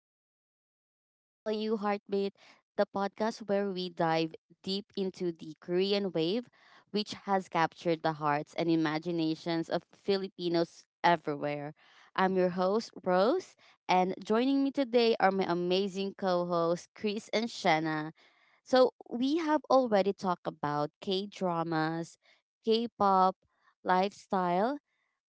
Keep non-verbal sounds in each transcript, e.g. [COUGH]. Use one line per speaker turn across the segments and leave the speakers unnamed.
welcome back to Hallyu Heartbeat, the podcast where we dive deep into the Korean wave, which has captured the hearts and imaginations of Filipinos everywhere. I'm your host, Rose, and joining me today are my amazing co hosts, Chris and Shanna. So we have already talked about K dramas, K pop, lifestyle,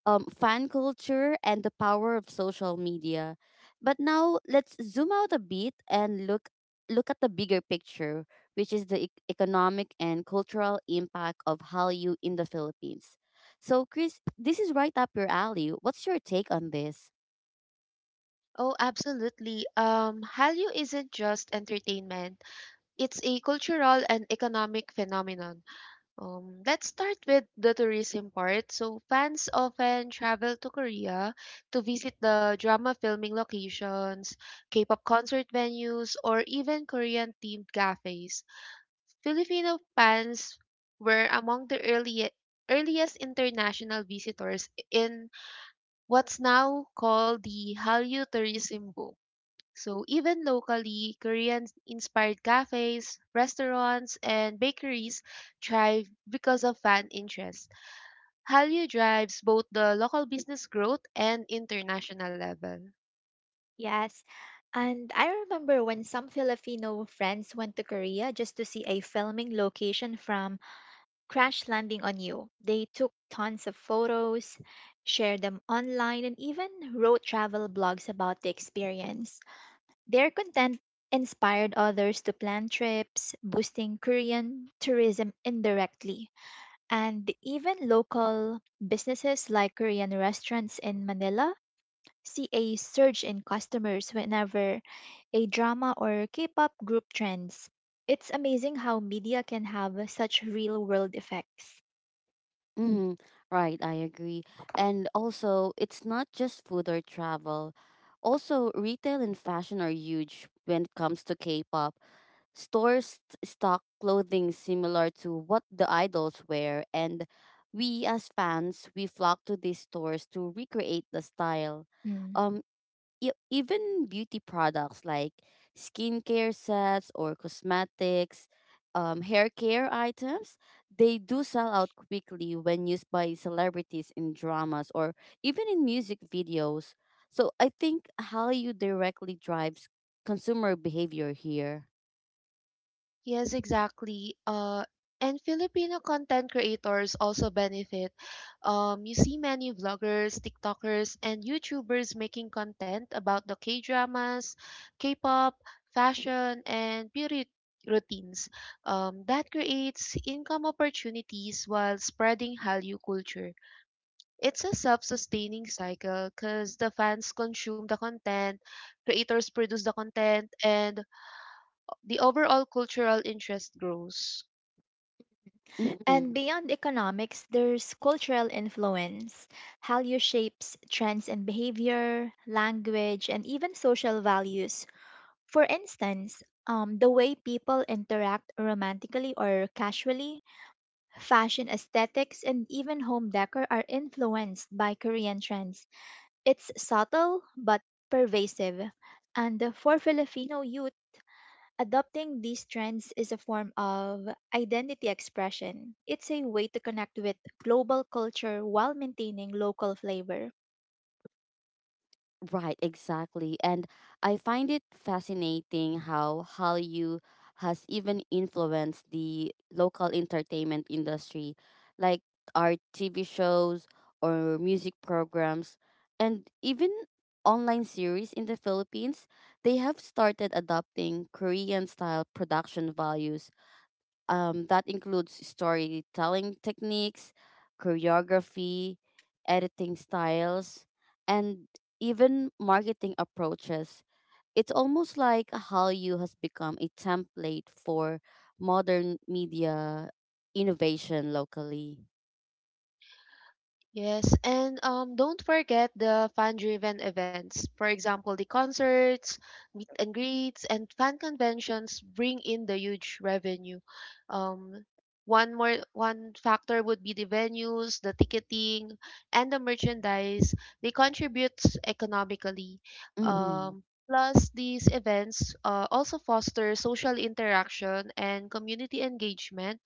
fan culture and the power of social media. But now let's zoom out a bit and look at the bigger picture, which is the economic and cultural impact of Hallyu in the Philippines. So, Chris, this is right up your alley. What's your take on this?
Oh, absolutely. Hallyu isn't just entertainment. It's a cultural and economic phenomenon. Let's start with the tourism part. So, fans often travel to Korea to visit the drama filming locations, K-pop concert venues, or even Korean-themed cafes. Filipino fans were among the early earliest international visitors in what's now called the Hallyu tourism boom. So even locally, Korean-inspired cafes, restaurants, and bakeries thrive because of fan interest. Hallyu drives both the local business growth and international level.
Yes. And I remember when some Filipino friends went to Korea just to see a filming location from Crash Landing on You. They took tons of photos, shared them online, and even wrote travel blogs about the experience. Their content inspired others to plan trips, boosting Korean tourism indirectly. And even local businesses like Korean restaurants in Manila see a surge in customers whenever a drama or K pop group trends. It's amazing how media can have such real world effects.
Mm-hmm. Right, I agree. And also, it's not just food or travel. Also, retail and fashion are huge when it comes to K-pop. Stores stock clothing similar to what the idols wear, and we as fans, we flock to these stores to recreate the style.
Mm.
Um, Even beauty products like skincare sets or cosmetics, hair care items, they do sell out quickly when used by celebrities in dramas or even in music videos. So I think how you directly drives consumer behavior here.
Yes, exactly. And Filipino content creators also benefit. You see many vloggers, TikTokers, and YouTubers making content about the K-dramas, K-pop, fashion, and beauty routines. That creates income opportunities while spreading Hallyu culture. It's a self-sustaining cycle because the fans consume the content, creators produce the content, and the overall cultural interest grows.
And
Mm-hmm.
beyond economics, there's cultural influence. Hallyu shapes trends in behavior, language, and even social values. For instance, the way people interact romantically or casually. Fashion aesthetics and even home decor are influenced by Korean trends. It's subtle but pervasive. And for Filipino youth, adopting these trends is a form of identity expression. It's a way to connect with global culture while maintaining local flavor.
Right, exactly. And I find it fascinating how Hallyu has even influenced the local entertainment industry, like our TV shows or music programs, and even online series in the Philippines. They have started adopting Korean style production values, that includes storytelling techniques, choreography, editing styles, and even marketing approaches. It's almost like Hallyu has become a template for modern media innovation locally.
Yes, and don't forget the fan-driven events. For example, the concerts, meet and greets, and fan conventions bring in the huge revenue. Um, One factor would be the venues, the ticketing, and the merchandise. They contribute economically.
Mm-hmm.
Um, Plus, these events also foster social interaction and community engagement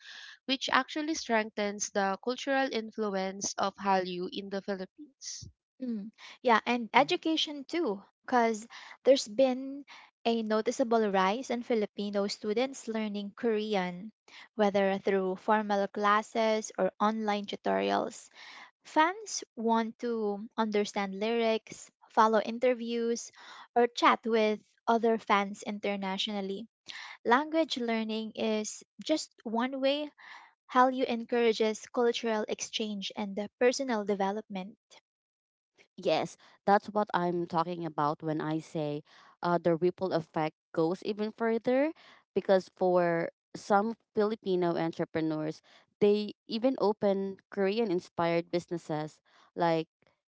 which actually strengthens the cultural influence of Hallyu in the Philippines.
Mm, yeah, and education too, because there's been a noticeable rise in Filipino students learning Korean, whether through formal classes or online tutorials. Fans want to understand lyrics, follow interviews, or chat with other fans internationally. Language learning is just one way Hallyu encourages cultural exchange and personal development.
Yes, that's what I'm talking about when I say the ripple effect goes even further because for some Filipino entrepreneurs, they even open Korean inspired businesses like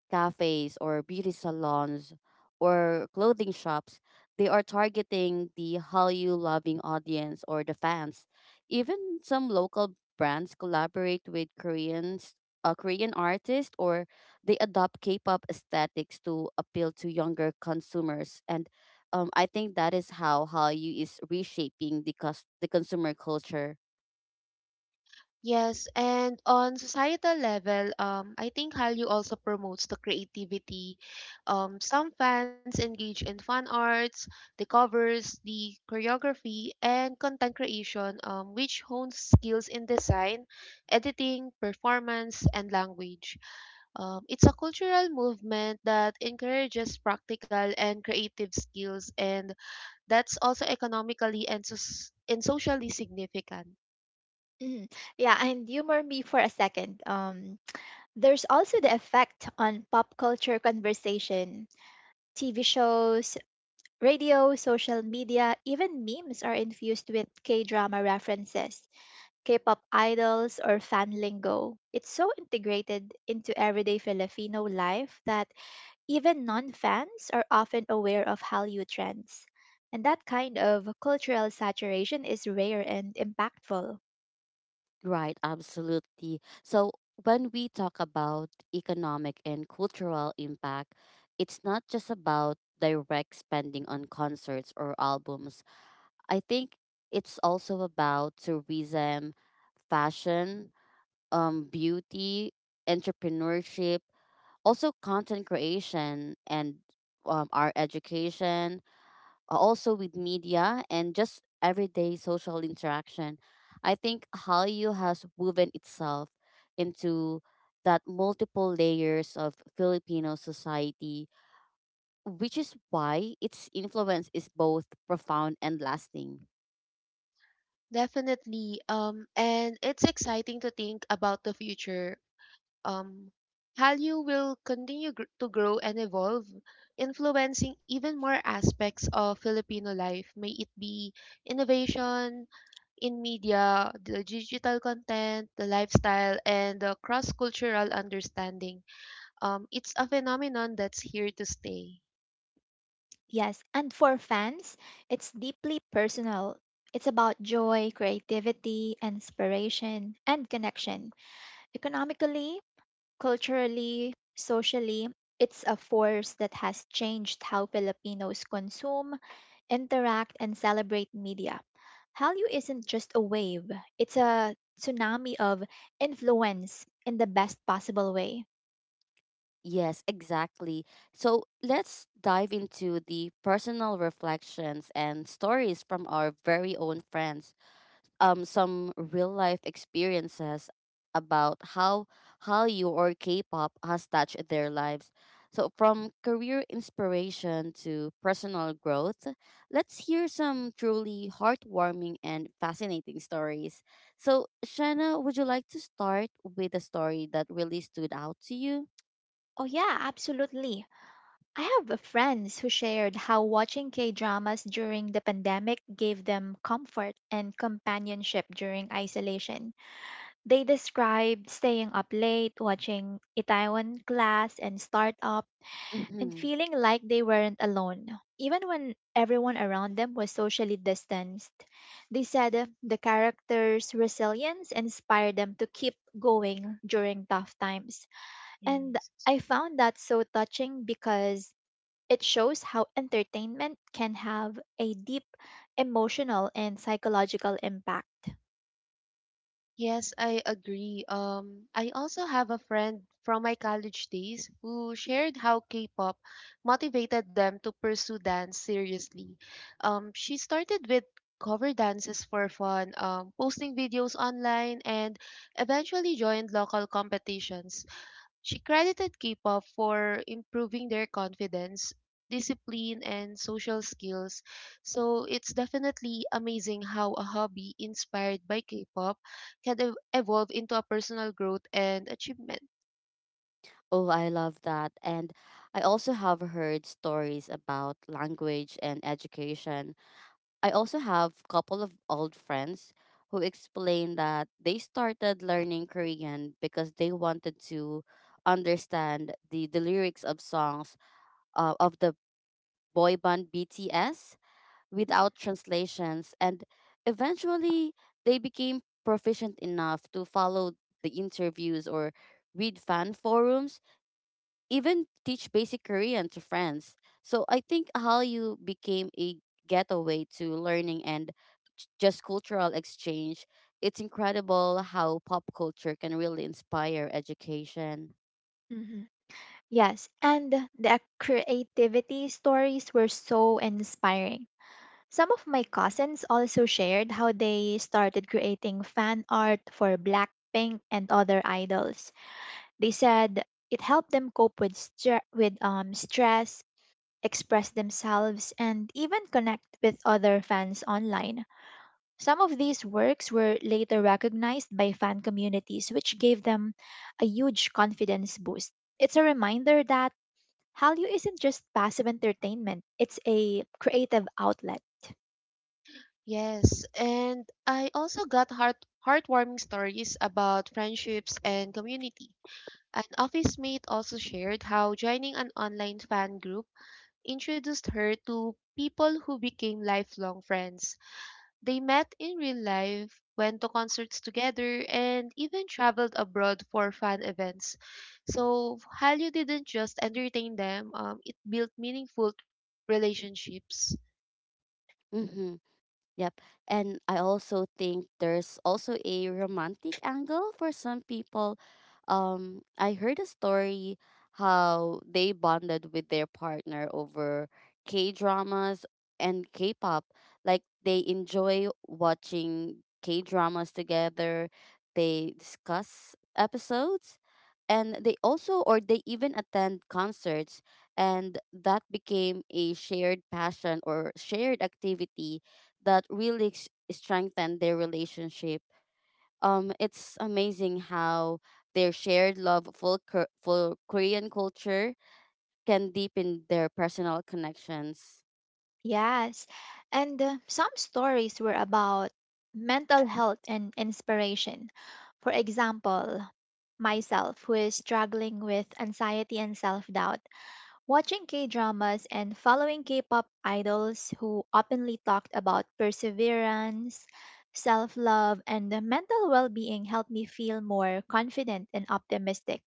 cafes or beauty salons or clothing shops. They are targeting the Hallyu loving audience or the fans. Even some local brands collaborate with Koreans, Korean artists or they adopt K-pop aesthetics to appeal to younger consumers, and I think that is how Hallyu is reshaping the the consumer culture.
Yes, and on societal level, I think Hallyu also promotes the creativity. Some fans engage in fan arts, the covers, the choreography, and content creation, which hones skills in design, editing, performance, and language. It's a cultural movement that encourages practical and creative skills and that's also economically and socially significant.
Hmm, yeah, and humor me for a second. There's also the effect on pop culture conversation. TV shows, radio, social media, even memes are infused with K drama references, K pop idols, or fan lingo. It's so integrated into everyday Filipino life that even non fans are often aware of Hallyu trends. And that kind of cultural saturation is rare and impactful.
Right, absolutely. So when we talk about economic and cultural impact, it's not just about direct spending on concerts or albums. I think it's also about tourism, fashion, beauty, entrepreneurship, also content creation and our education, also with media and just everyday social interaction. I think Hallyu has woven itself into that multiple layers of Filipino society, which is why its influence is both profound and lasting.
Definitely. And it's exciting to think about the future. Um, Hallyu will continue to grow and evolve, influencing even more aspects of Filipino life. May it be innovation in media, the digital content, the lifestyle, and the cross cultural understanding. It's a phenomenon that's here to stay.
Yes, and for fans, it's deeply personal. It's about joy, creativity, inspiration, and connection. Economically, culturally, socially, it's a force that has changed how Filipinos consume, interact, and celebrate media. Hallyu isn't just a wave, it's a tsunami of influence in the best possible way.
Yes, exactly. So let's dive into the personal reflections and stories from our very own friends, some real life experiences about how Hallyu or K-pop has touched their lives. So from career inspiration to personal growth, let's hear some truly heartwarming and fascinating stories. So Shanna, would you like to start with a story that really stood out to you?
Oh, yeah, absolutely. I have a friends who shared how watching K-dramas during the pandemic gave them comfort and companionship during isolation. They described staying up late, watching Itaewon Class and Startup, and
Mhm.
feeling like they weren't alone. Even when everyone around them was socially distanced, they said the characters' resilience inspired them to keep going during tough times. And
Yes.
I found that so touching because it shows how entertainment can have a deep emotional and psychological impact.
Yes, I agree. I also have a friend from my college days who shared how K-pop motivated them to pursue dance seriously. She started with cover dances for fun, posting videos online, and eventually joined local competitions. She credited K-pop for improving their confidence, discipline, and social skills. So it's definitely amazing how a hobby inspired by K-pop can evolve into a personal growth and achievement.
Oh, I love that. And I also have heard stories about language and education. I also have a couple of old friends who explain that they started learning Korean because they wanted to understand the lyrics of songs of the boy band BTS
Mm.
without translations, and eventually they became proficient enough to follow the interviews or read fan forums, even teach basic Korean to friends. So I think Hallyu became a getaway to learning and just cultural exchange. It's incredible how pop culture can really inspire education.
Mhm. Yes, and the creativity stories were so inspiring. Some of my cousins also shared how they started creating fan art for Blackpink and other idols. They said it helped them cope with stress, express themselves, and even connect with other fans online. Some of these works were later recognized by fan communities, which gave them a huge confidence boost. It's a reminder that Hallyu isn't just passive entertainment, it's a creative outlet.
Yes, and I also got heartwarming stories about friendships and community. An office mate also shared how joining an online fan group introduced her to people who became lifelong friends. They met in real life, went to concerts together, and even traveled abroad for fan events. So Hallyu didn't just entertain them, it built meaningful relationships.
Mm-hmm. Yep. And I also think there's also a romantic angle for some people. I heard a story how they bonded with their partner over K dramas and K pop. Like they enjoy watching K dramas together, they discuss episodes, and they also or they even attend concerts, and that became a shared passion or shared activity that really strengthened their relationship. It's amazing how their shared love for, for Korean culture can deepen their personal connections.
Yes. And some stories were about mental health and inspiration. For example, myself, who is struggling with anxiety and self doubt, watching K dramas and following K pop idols who openly talked about perseverance, self love, and the mental well being helped me feel more confident and optimistic.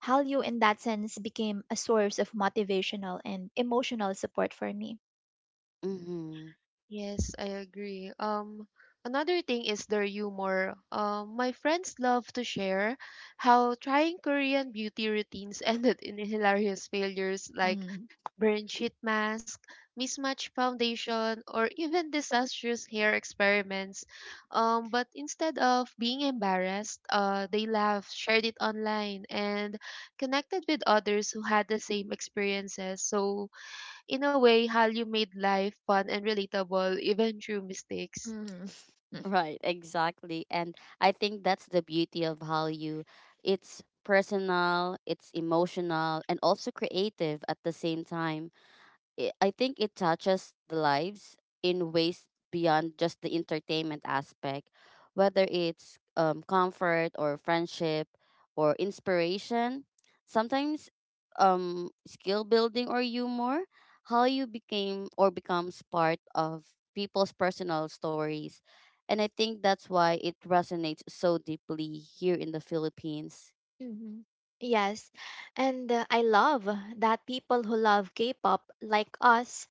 Hallyu, in that sense, became a source of motivational and emotional support for me.
Mm-hmm.
Yes, I agree. Another thing is their humor. My friends love to share how trying Korean beauty routines [LAUGHS] ended in hilarious failures, like
Mhm.
burn sheet mask, mismatched foundation, or even disastrous hair experiments. But instead of being embarrassed, they laughed, shared it online, and connected with others who had the same experiences. So, in a way, Hallyu made life fun and relatable, even through mistakes.
Right, exactly. And I think that's the beauty of Hallyu. It's personal, it's emotional, and also creative at the same time. I think it touches the lives in ways beyond just the entertainment aspect, whether it's comfort or friendship or inspiration. Sometimes, skill building or humor, how you became or becomes part of people's personal stories, and I think that's why it resonates so deeply here in the Philippines.
Hmm. Yes, and I love that people who love K-pop, like us,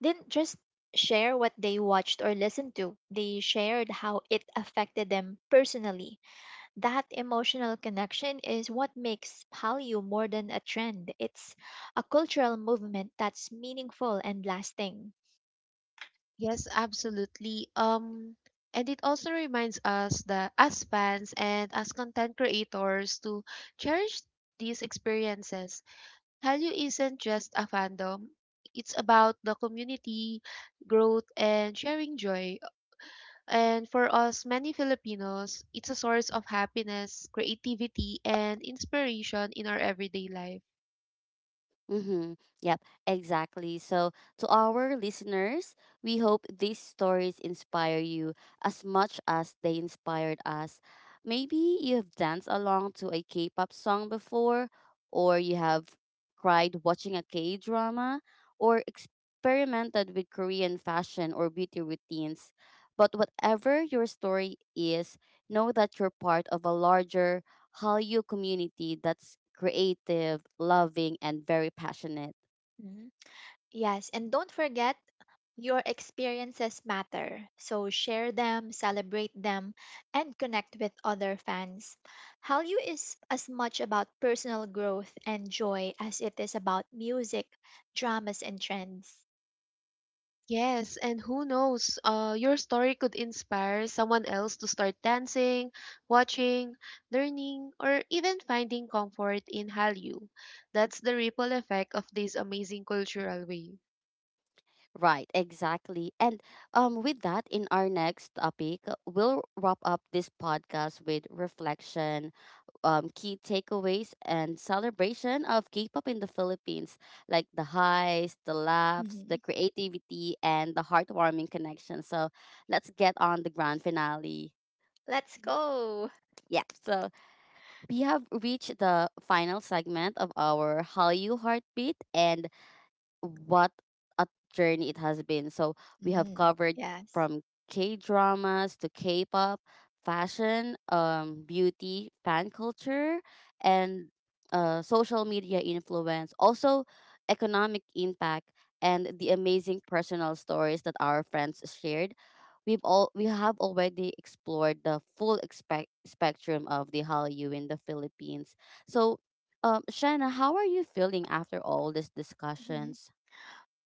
didn't just share what they watched or listened to, they shared how it affected them personally. That emotional connection is what makes Hallyu more than a trend. It's a cultural movement that's meaningful and lasting.
Yes, absolutely. And it also reminds us that as fans and as content creators to cherish these experiences. Hallyu isn't just a fandom. It's about the community, growth, and sharing joy. And for us, many Filipinos, it's a source of happiness, creativity, and inspiration in our everyday life.
Mm-hmm. Yep, exactly. So, to our listeners, we hope these stories inspire you as much as they inspired us. Maybe you have danced along to a K pop song before, or you have cried watching a K drama, or experimented with Korean fashion or beauty routines. But whatever your story is, know that you're part of a larger Hallyu community that's creative, loving, and very passionate.
Mm-hmm. Yes, and don't forget, your experiences matter. So share them, celebrate them, and connect with other fans. Hallyu is as much about personal growth and joy as it is about music, dramas, and trends.
Yes, and who knows, your story could inspire someone else to start dancing, watching, learning, or even finding comfort in Hallyu. That's the ripple effect of this amazing cultural wave.
Right, exactly. And with that, in our next topic, we'll wrap up this podcast with reflection, key takeaways, and celebration of K pop in the Philippines, like the highs, the laughs, the
Mhm.
creativity, and the heartwarming connection. So let's get on the grand finale.
Let's go!
Yeah, so we have reached the final segment of our Hallyu Heartbeat, and what a journey it has been. So we have
Mm,
covered
yes.
from K dramas to K pop, fashion, beauty, fan culture, and social media influence, also economic impact, and the amazing personal stories that our friends shared. We have already explored the full expect spectrum of the Hallyu in the Philippines. So, Shanna, how are you feeling after all these
Mm-hmm.
discussions?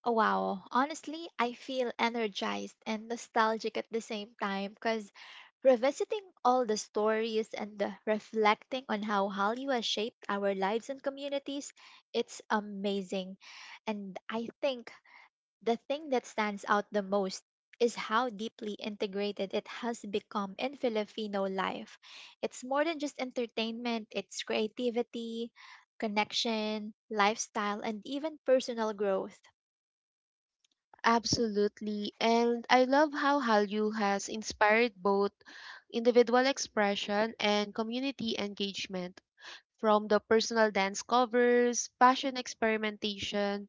Oh, wow. Honestly, I feel energized and nostalgic at the same time because revisiting all the stories and the reflecting on how Hallyu has shaped our lives and communities, it's amazing. And I think the thing that stands out the most is how deeply integrated it has become in Filipino life. It's more than just entertainment, it's creativity, connection, lifestyle, and even personal growth.
Absolutely, and I love how Hallyu has inspired both individual expression and community engagement. From the personal dance covers, passion experimentation,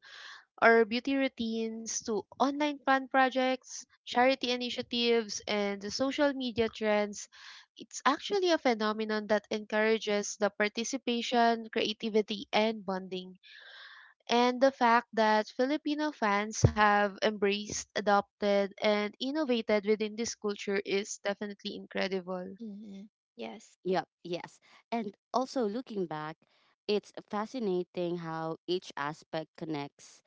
our beauty routines to online fun projects, charity initiatives, and the social media trends, it's actually a phenomenon that encourages the participation, creativity, and bonding. And the fact that Filipino fans have embraced, adopted, and innovated within this culture is definitely incredible.
Mm-hmm. Yes.
Yep, yes. And also looking back, it's fascinating how each aspect connects.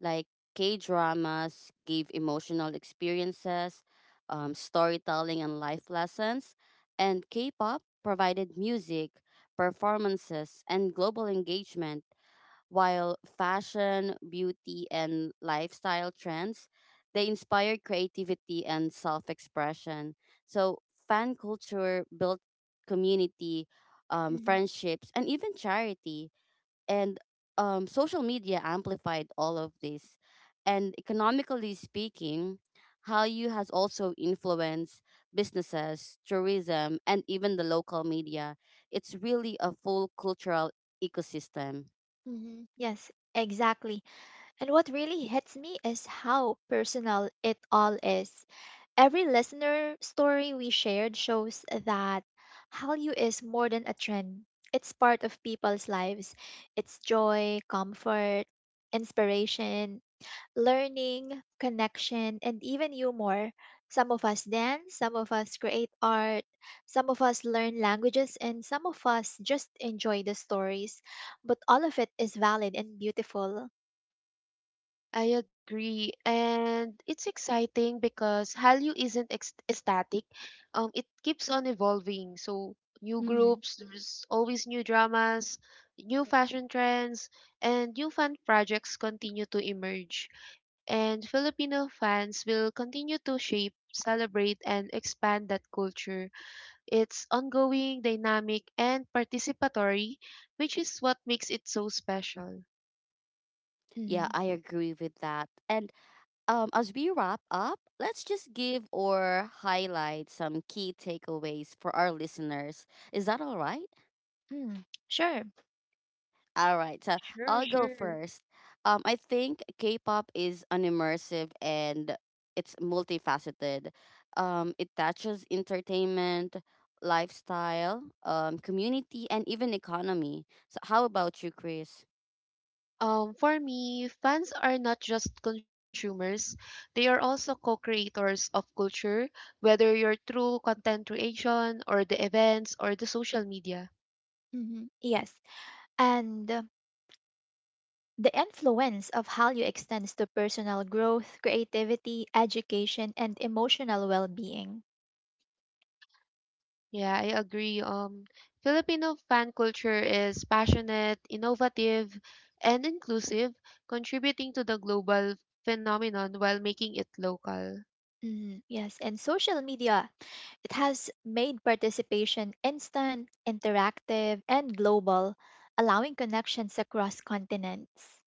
Like K dramas give emotional experiences, storytelling, and life lessons. And K pop provided music, performances, and global engagement, while fashion, beauty, and lifestyle trends, they inspire creativity and self-expression. So fan culture built community,
Mm-hmm.
friendships, and even charity. And social media amplified all of this. And economically speaking, Hallyu has also influenced businesses, tourism, and even the local media. It's really a full cultural ecosystem.
Mm-hmm. Yes, exactly. And what really hits me is how personal it all is. Every listener story we shared shows that Hallyu is more than a trend. It's part of people's lives. It's joy, comfort, inspiration, learning, connection, and even humor. Some of us dance, some of us create art, some of us learn languages, and some of us just enjoy the stories. But all of it is valid and beautiful.
I agree. And it's exciting because Hallyu isn't static. It keeps on evolving. So new
Mm-hmm.
groups, there's always new dramas, new fashion trends, and new fan projects continue to emerge. And Filipino fans will continue to shape, celebrate, and expand that culture. It's ongoing, dynamic, and participatory, which is what makes it so special.
Yeah,
Mm-hmm.
I agree with that. And as we wrap up, let's just give or highlight some key takeaways for our listeners. Is that all right?
Mm. Sure.
All right, so
Sure,
I'll go
sure.
first. I think K pop is an immersive and it's multifaceted. It touches entertainment, lifestyle, community, and even economy. So, how about you, Chris?
For me, fans are not just consumers, they are also co creators of culture, whether you're through content creation or the events or the social media.
Mm-hmm. Yes. And the influence of Hallyu extends to personal growth, creativity, education, and emotional well being.
Yeah, I agree. Filipino fan culture is passionate, innovative, and inclusive, contributing to the global phenomenon while making it local.
Mm, yes, and social media, it has made participation instant, interactive, and global, allowing connections across continents.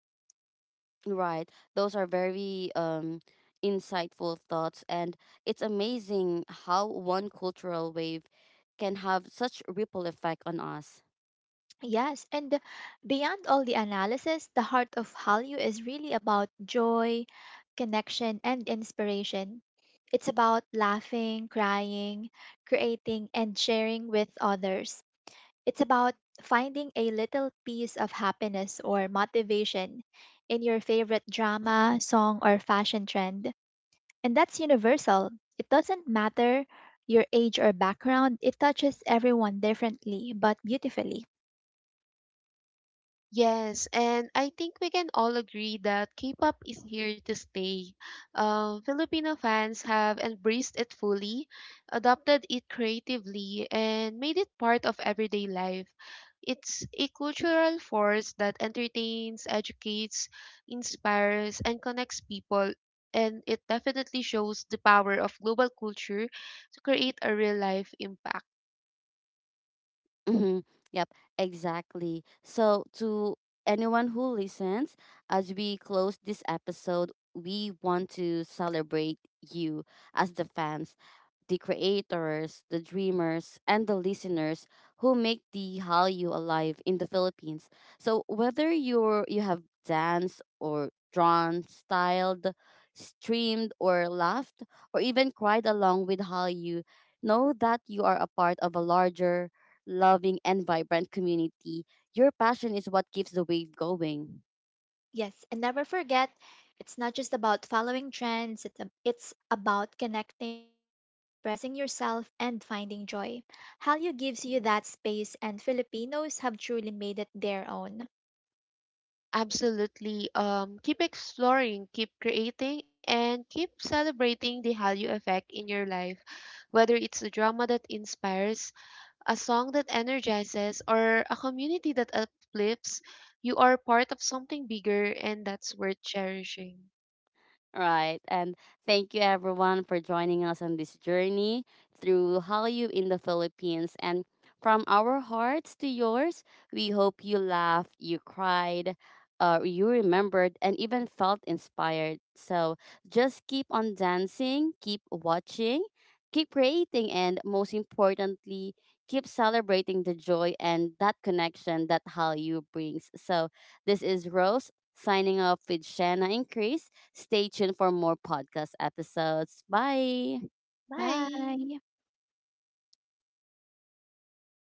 Right. Those are very insightful thoughts. And it's amazing how one cultural wave can have such ripple effect on us.
Yes, and beyond all the analysis, the heart of Hallyu is really about joy, connection, and inspiration. It's about laughing, crying, creating, and sharing with others. It's about finding a little piece of happiness or motivation in your favorite drama, song, or fashion trend. And that's universal. It doesn't matter your age or background, it touches everyone differently but beautifully.
Yes, and I think we can all agree that K-pop is here to stay. Filipino fans have embraced it fully, adopted it creatively, and made it part of everyday life. It's a cultural force that entertains, educates, inspires, and connects people, and it definitely shows the power of global culture to create a real life impact.
Mm-hmm. Yep, exactly. So, to anyone who listens, as we close this episode, we want to celebrate you as the fans, the creators, the dreamers, and the listeners who make the Hallyu alive in the Philippines. So, whether you have danced or drawn, styled, streamed, or laughed, or even cried along with Hallyu, know that you are a part of a larger, loving, and vibrant community. Your passion is what keeps the wave going.
Yes, and never forget, it's not just about following trends, it's about connecting, expressing yourself, and finding joy. Hallyu gives you that space, and Filipinos have truly made it their own.
Absolutely. Keep exploring, keep creating, and keep celebrating the Hallyu effect in your life. Whether it's a drama that inspires, a song that energizes, or a community that uplifts, you are part of something bigger, and that's worth cherishing.
Right. And thank you everyone for joining us on this journey through Hallyu in the Philippines. And from our hearts to yours, we hope you laughed, you cried, you remembered, and even felt inspired. So just keep on dancing, keep watching, keep creating, and most importantly, keep celebrating the joy and that connection that Hallyu brings. So this is Rose signing off with Shanna and Chris. Stay tuned for more podcast episodes. Bye.
Bye!
Bye.